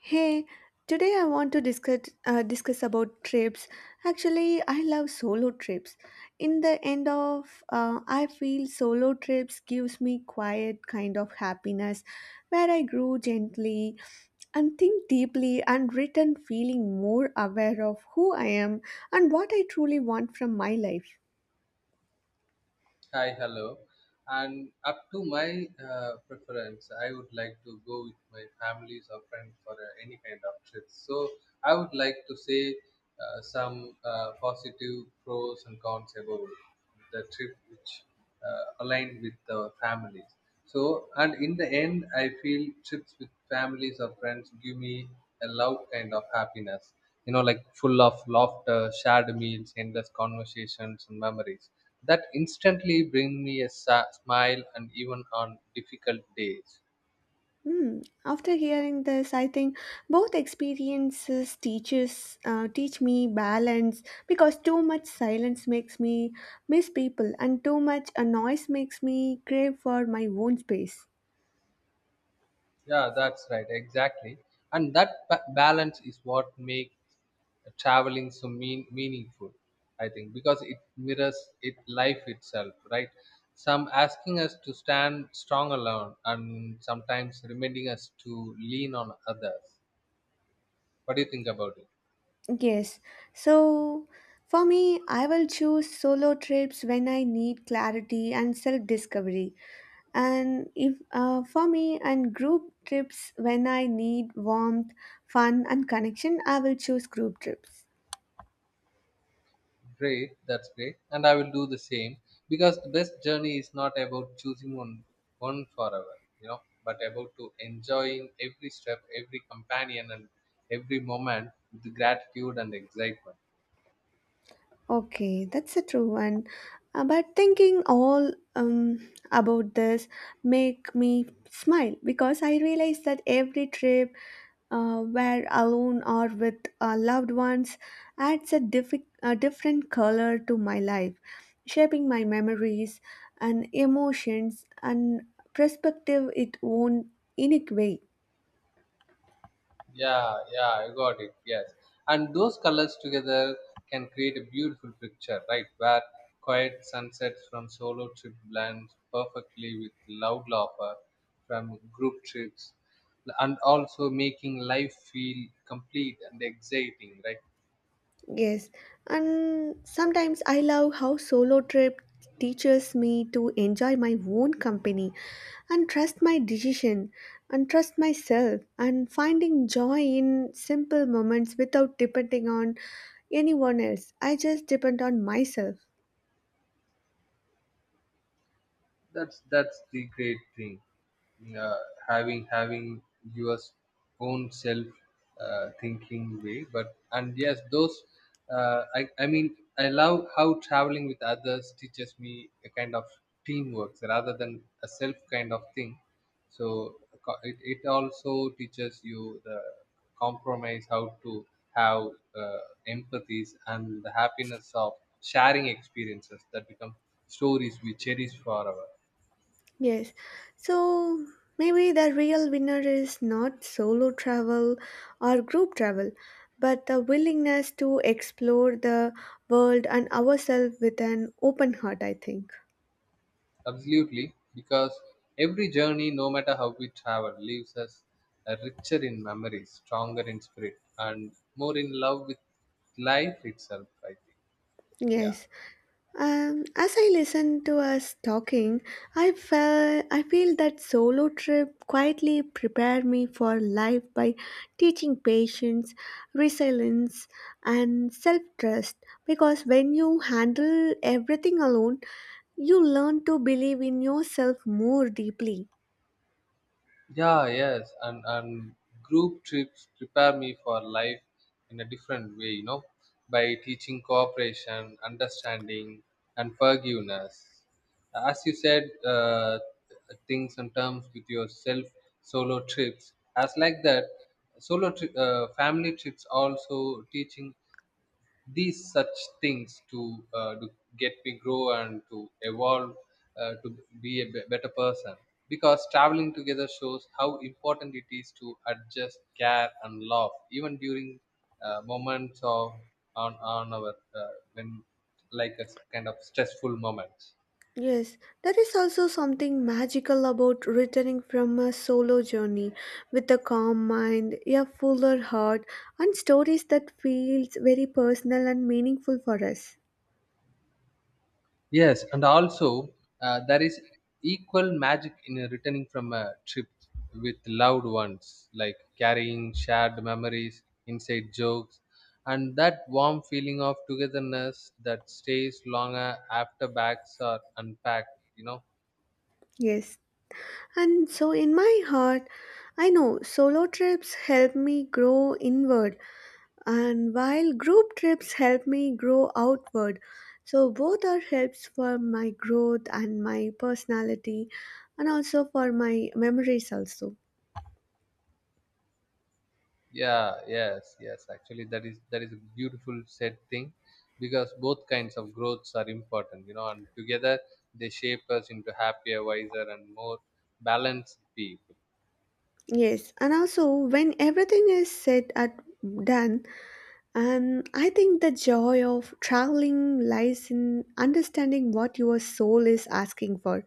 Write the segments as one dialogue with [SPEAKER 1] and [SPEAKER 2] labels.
[SPEAKER 1] Hey, today I want to discuss discuss about trips. Actually, I love solo trips. In the end of, I feel solo trips gives me quiet kind of happiness, where I grow gently and think deeply and return feeling more aware of who I am and what I truly want from my life.
[SPEAKER 2] Hi, hello. And up to my preference, I would like to go with my families or friends for any kind of trip. So I would like to say some positive pros and cons about the trip which aligned with the families. So, and in the end, I feel trips with families or friends give me a loud kind of happiness, you know, like full of laughter, shared meals, endless conversations, and memories that instantly bring me a smile and even on difficult days.
[SPEAKER 1] Hmm. After hearing this, I think both experiences teach me balance because too much silence makes me miss people, and too much a noise makes me crave for my own space.
[SPEAKER 2] Yeah, that's right, exactly. And that balance is what makes traveling so meaningful, I think, because it mirrors it life itself, right? Some asking us to stand strong alone, and sometimes reminding us to lean on others. What do you think about it?
[SPEAKER 1] Yes, so for me, I will choose solo trips when I need clarity and self discovery, and if for me and group trips when I need warmth, fun, and connection, I will choose group trips.
[SPEAKER 2] Great, that's great. And I will do the same because the best journey is not about choosing one forever, you know, but about to enjoying every step, every companion and every moment with gratitude and excitement.
[SPEAKER 1] Okay, that's a true one. But thinking all about this make me smile because I realize that every trip, where alone or with loved ones, adds a, a different color to my life, shaping my memories and emotions and perspective its own unique way.
[SPEAKER 2] Yeah, yeah, I got it. Yes. And those colors together can create a beautiful picture, right? Where quiet sunsets from solo trip blends perfectly with loud laughter from group trips and also making life feel complete and exciting, right?
[SPEAKER 1] Yes, and sometimes I love how solo trip teaches me to enjoy my own company and trust my decision and trust myself and finding joy in simple moments without depending on anyone else. I just depend on myself.
[SPEAKER 2] That's the great thing, uh, having your own self thinking way but and yes those I mean I love how traveling with others teaches me a kind of teamwork rather than a self kind of thing so it also teaches you the compromise how to have uh, empathies and the happiness of sharing experiences that become stories we cherish forever.
[SPEAKER 1] Yes. So maybe the real winner is not solo travel or group travel, but the willingness to explore the world and ourselves with an open heart, I think.
[SPEAKER 2] Absolutely, because every journey, no matter how we travel, leaves us richer in memories, stronger in spirit, and more in love with life itself, I think. Yeah.
[SPEAKER 1] Yes. As I listened to us talking, I feel that solo trip quietly prepared me for life by teaching patience, resilience, and self-trust. Because when you handle everything alone, you learn to believe in yourself more deeply.
[SPEAKER 2] Yeah, yes, and group trips prepare me for life in a different way, you know, by teaching cooperation, understanding, and forgiveness. As you said, things and terms with yourself, solo trips. As like that, family trips also teaching these such things to to get me grow and to evolve to be a better person because traveling together shows how important it is to adjust care and love even during moments of on our when like a kind of stressful moments.
[SPEAKER 1] Yes, there is also something magical about returning from a solo journey with a calm mind, a fuller heart, and stories that feels very personal and meaningful for us.
[SPEAKER 2] Yes, and also there is equal magic in returning from a trip with loved ones, like carrying shared memories, inside jokes, and that warm feeling of togetherness that stays longer after bags are unpacked. You know,
[SPEAKER 1] Yes. And so in my heart, I know solo trips help me grow inward and while group trips help me grow outward. So both are helps for my growth and my personality and also for my memories also.
[SPEAKER 2] yeah, yes, yes. Actually, that is a beautiful said thing, because both kinds of growths are important. You know, and together they shape us into happier, wiser, and more balanced people.
[SPEAKER 1] Yes, and also when everything is said and done, and I think the joy of traveling lies in understanding what your soul is asking for,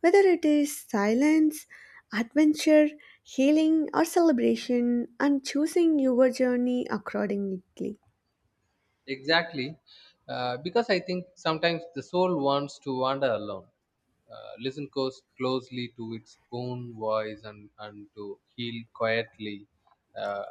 [SPEAKER 1] whether it is silence, adventure, healing, or celebration, and choosing your journey accordingly.
[SPEAKER 2] Exactly, because I think sometimes the soul wants to wander alone. Listen closely to its own voice and to heal quietly, uh,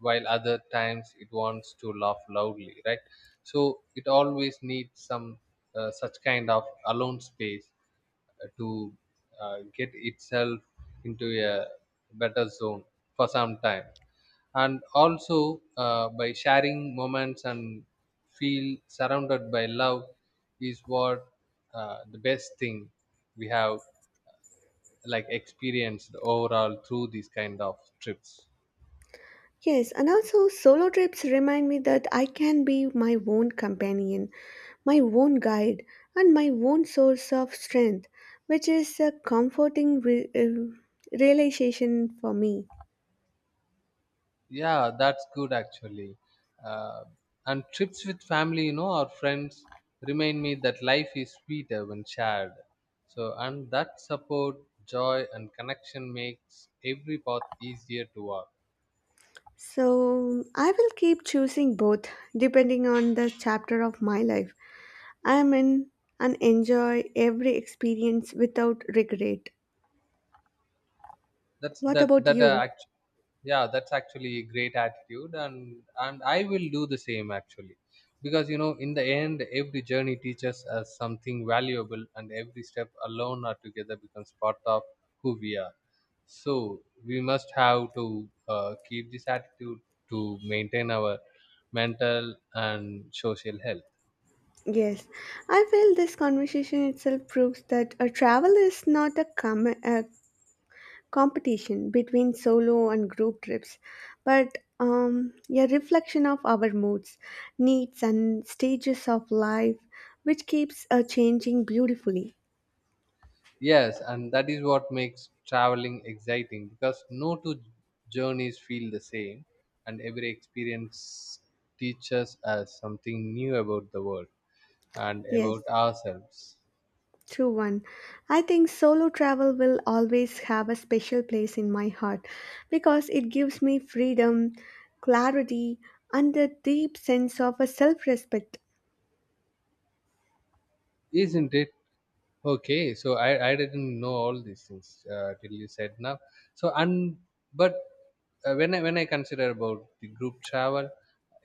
[SPEAKER 2] while other times it wants to laugh loudly, right? So it always needs some, such kind of alone space to get itself into a better zone for some time and also by sharing moments and feel surrounded by love is what, the best thing we have like experienced overall through these kind of trips.
[SPEAKER 1] Yes, and also solo trips remind me that I can be my own companion my own guide, and my own source of strength, which is a comforting realization for me.
[SPEAKER 2] Yeah, that's good actually. Uh, and trips with family, you know, or friends remind me that life is sweeter when shared. So, and that support, joy, and connection makes every path easier to walk.
[SPEAKER 1] So, I will keep choosing both depending on the chapter of my life I am in and enjoy every experience without regret.
[SPEAKER 2] That's
[SPEAKER 1] What
[SPEAKER 2] that
[SPEAKER 1] about
[SPEAKER 2] that
[SPEAKER 1] you?
[SPEAKER 2] act- Yeah, that's actually a great attitude and I will do the same actually because you know in the end every journey teaches us something valuable and every step alone or together becomes part of who we are, so we must have to keep this attitude to maintain our mental and social health.
[SPEAKER 1] Yes, I feel this conversation itself proves that a travel is not a competition between solo and group trips, but a reflection of our moods, needs, and stages of life, which keeps changing beautifully.
[SPEAKER 2] Yes, and that is what makes traveling exciting because no two journeys feel the same, and every experience teaches us something new about the world and
[SPEAKER 1] Yes,
[SPEAKER 2] about ourselves,
[SPEAKER 1] true one. I think solo travel will always have a special place in my heart because it gives me freedom, clarity, and a deep sense of a self respect.
[SPEAKER 2] isn't it? Okay, so I didn't know all these things till you said now. So and but when I consider about the group travel,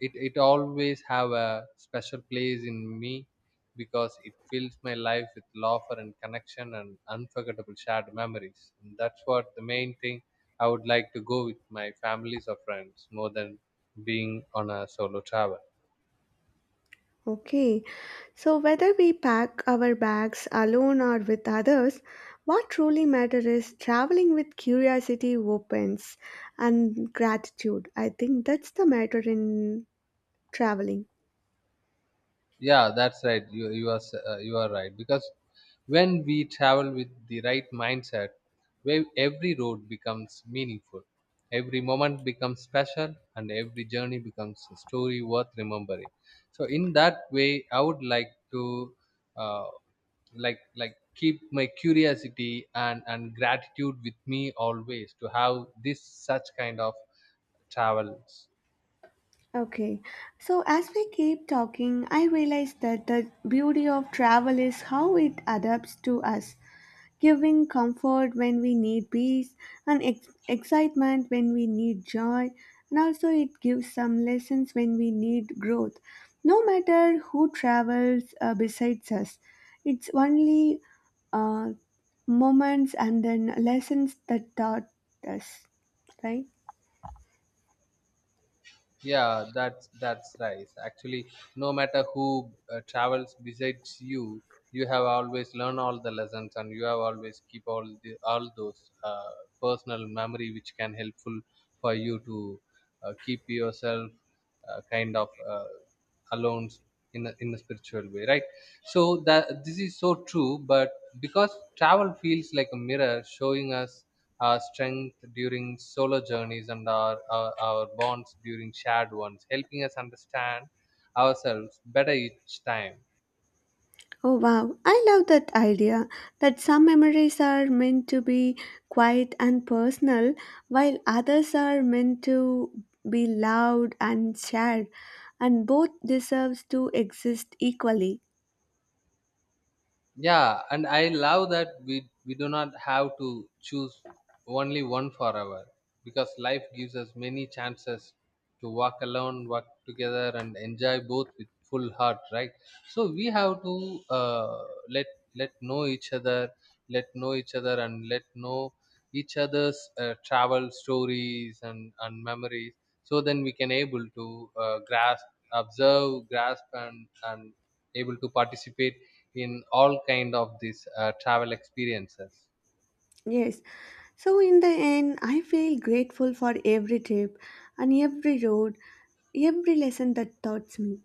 [SPEAKER 2] it always have a special place in me because it fills my life with laughter and connection and unforgettable shared memories. And that's what the main thing, I would like to go with my families or friends more than being on a solo travel.
[SPEAKER 1] Okay, so whether we pack our bags alone or with others, what truly matters is traveling with curiosity opens and gratitude. I think that's the matter in traveling.
[SPEAKER 2] Yeah, that's right, you are right because when we travel with the right mindset where every road becomes meaningful, every moment becomes special and every journey becomes a story worth remembering, so in that way I would like to uh, like keep my curiosity and gratitude with me always to have this such kind of travels.
[SPEAKER 1] Okay, so as we keep talking, I realize that the beauty of travel is how it adapts to us, giving comfort when we need peace and excitement when we need joy, and also it gives some lessons when we need growth. No matter who travels besides us, it's only uh, moments and then lessons that taught us, right?
[SPEAKER 2] Yeah, that's right actually. No matter who travels besides you, you have always learned all the lessons and you have always keep all the all those personal memory which can helpful for you to keep yourself uh, kind of uh, alone in a spiritual way, right? So that this is so true but because travel feels like a mirror showing us our strength during solo journeys and our bonds during shared ones, helping us understand ourselves better each time.
[SPEAKER 1] Oh wow, I love that idea that some memories are meant to be quiet and personal, while others are meant to be loud and shared, and both deserves to exist equally.
[SPEAKER 2] Yeah, and I love that we do not have to choose only one forever because life gives us many chances to walk alone, walk together and enjoy both with full heart, right? So we have to let let know each other let know each other and let know each other's travel stories and memories, so then we can able to grasp and able to participate in all kind of these travel experiences.
[SPEAKER 1] Yes, so in the end, I feel grateful for every trip and every road, every lesson that taught me.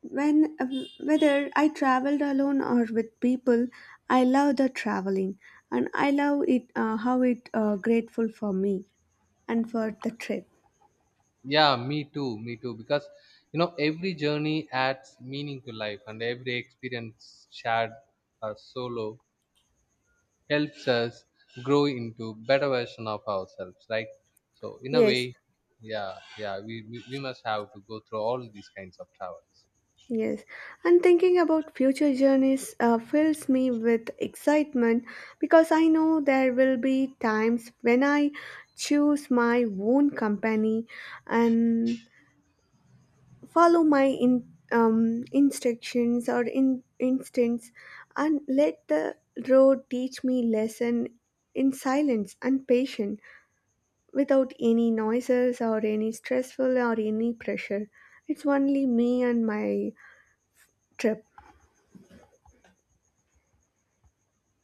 [SPEAKER 1] When Whether I traveled alone or with people, I love the traveling, and I love it, how it grateful for me and for the trip.
[SPEAKER 2] Yeah, me too, me too, because you know every journey adds meaning to life and every experience shared or solo helps us grow into better version of ourselves, right? So in a
[SPEAKER 1] Yes,
[SPEAKER 2] way, yeah yeah we must have to go through all these kinds of travels.
[SPEAKER 1] yes. And thinking about future journeys fills me with excitement because I know there will be times when I choose my own company and follow my in, instructions or in instincts and let the road teach me lesson in silence and patience without any noises or any stressful or any pressure, it's only me and my trip.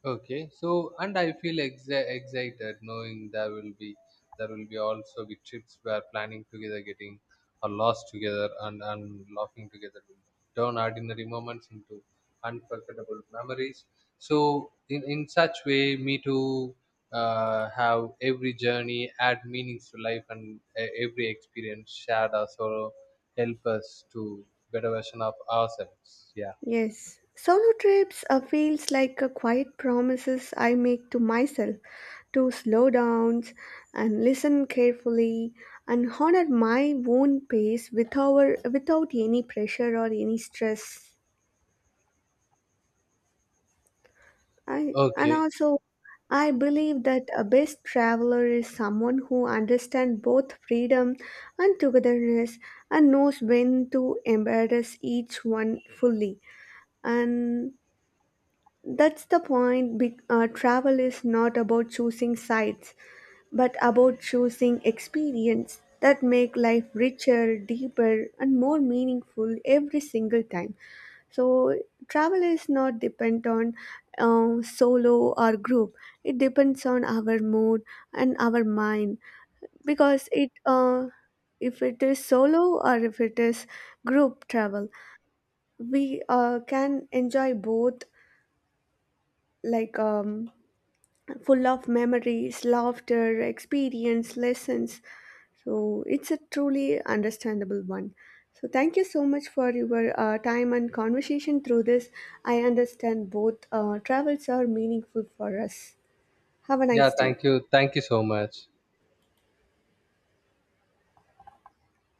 [SPEAKER 2] Okay, so and I feel excited knowing there will be also be trips where planning together, getting or lost together, and laughing together will turn ordinary moments into unforgettable memories. So in such way, me too have every journey add meanings to life, and every experience shared or sorrow help us to better version of ourselves. Yeah.
[SPEAKER 1] Yes, solo trips feels like a quiet promises I make to myself to slow down and listen carefully and honor my own pace without any pressure or any stress. I and
[SPEAKER 2] Okay.
[SPEAKER 1] also I believe that a best traveler is someone who understands both freedom and togetherness and knows when to embrace each one fully. And that's the point. Travel is not about choosing sites, but about choosing experience that make life richer, deeper, and more meaningful every single time. So travel is not depend on solo or group. It depends on our mood and our mind because it. If it is solo or if it is group travel, we can enjoy both like full of memories, laughter, experience, lessons. So it's a truly understandable one. So thank you so much for your time and conversation through this. I understand both travels are meaningful for us. Have a
[SPEAKER 2] Yeah.
[SPEAKER 1] nice day.
[SPEAKER 2] Thank you. Thank you so much.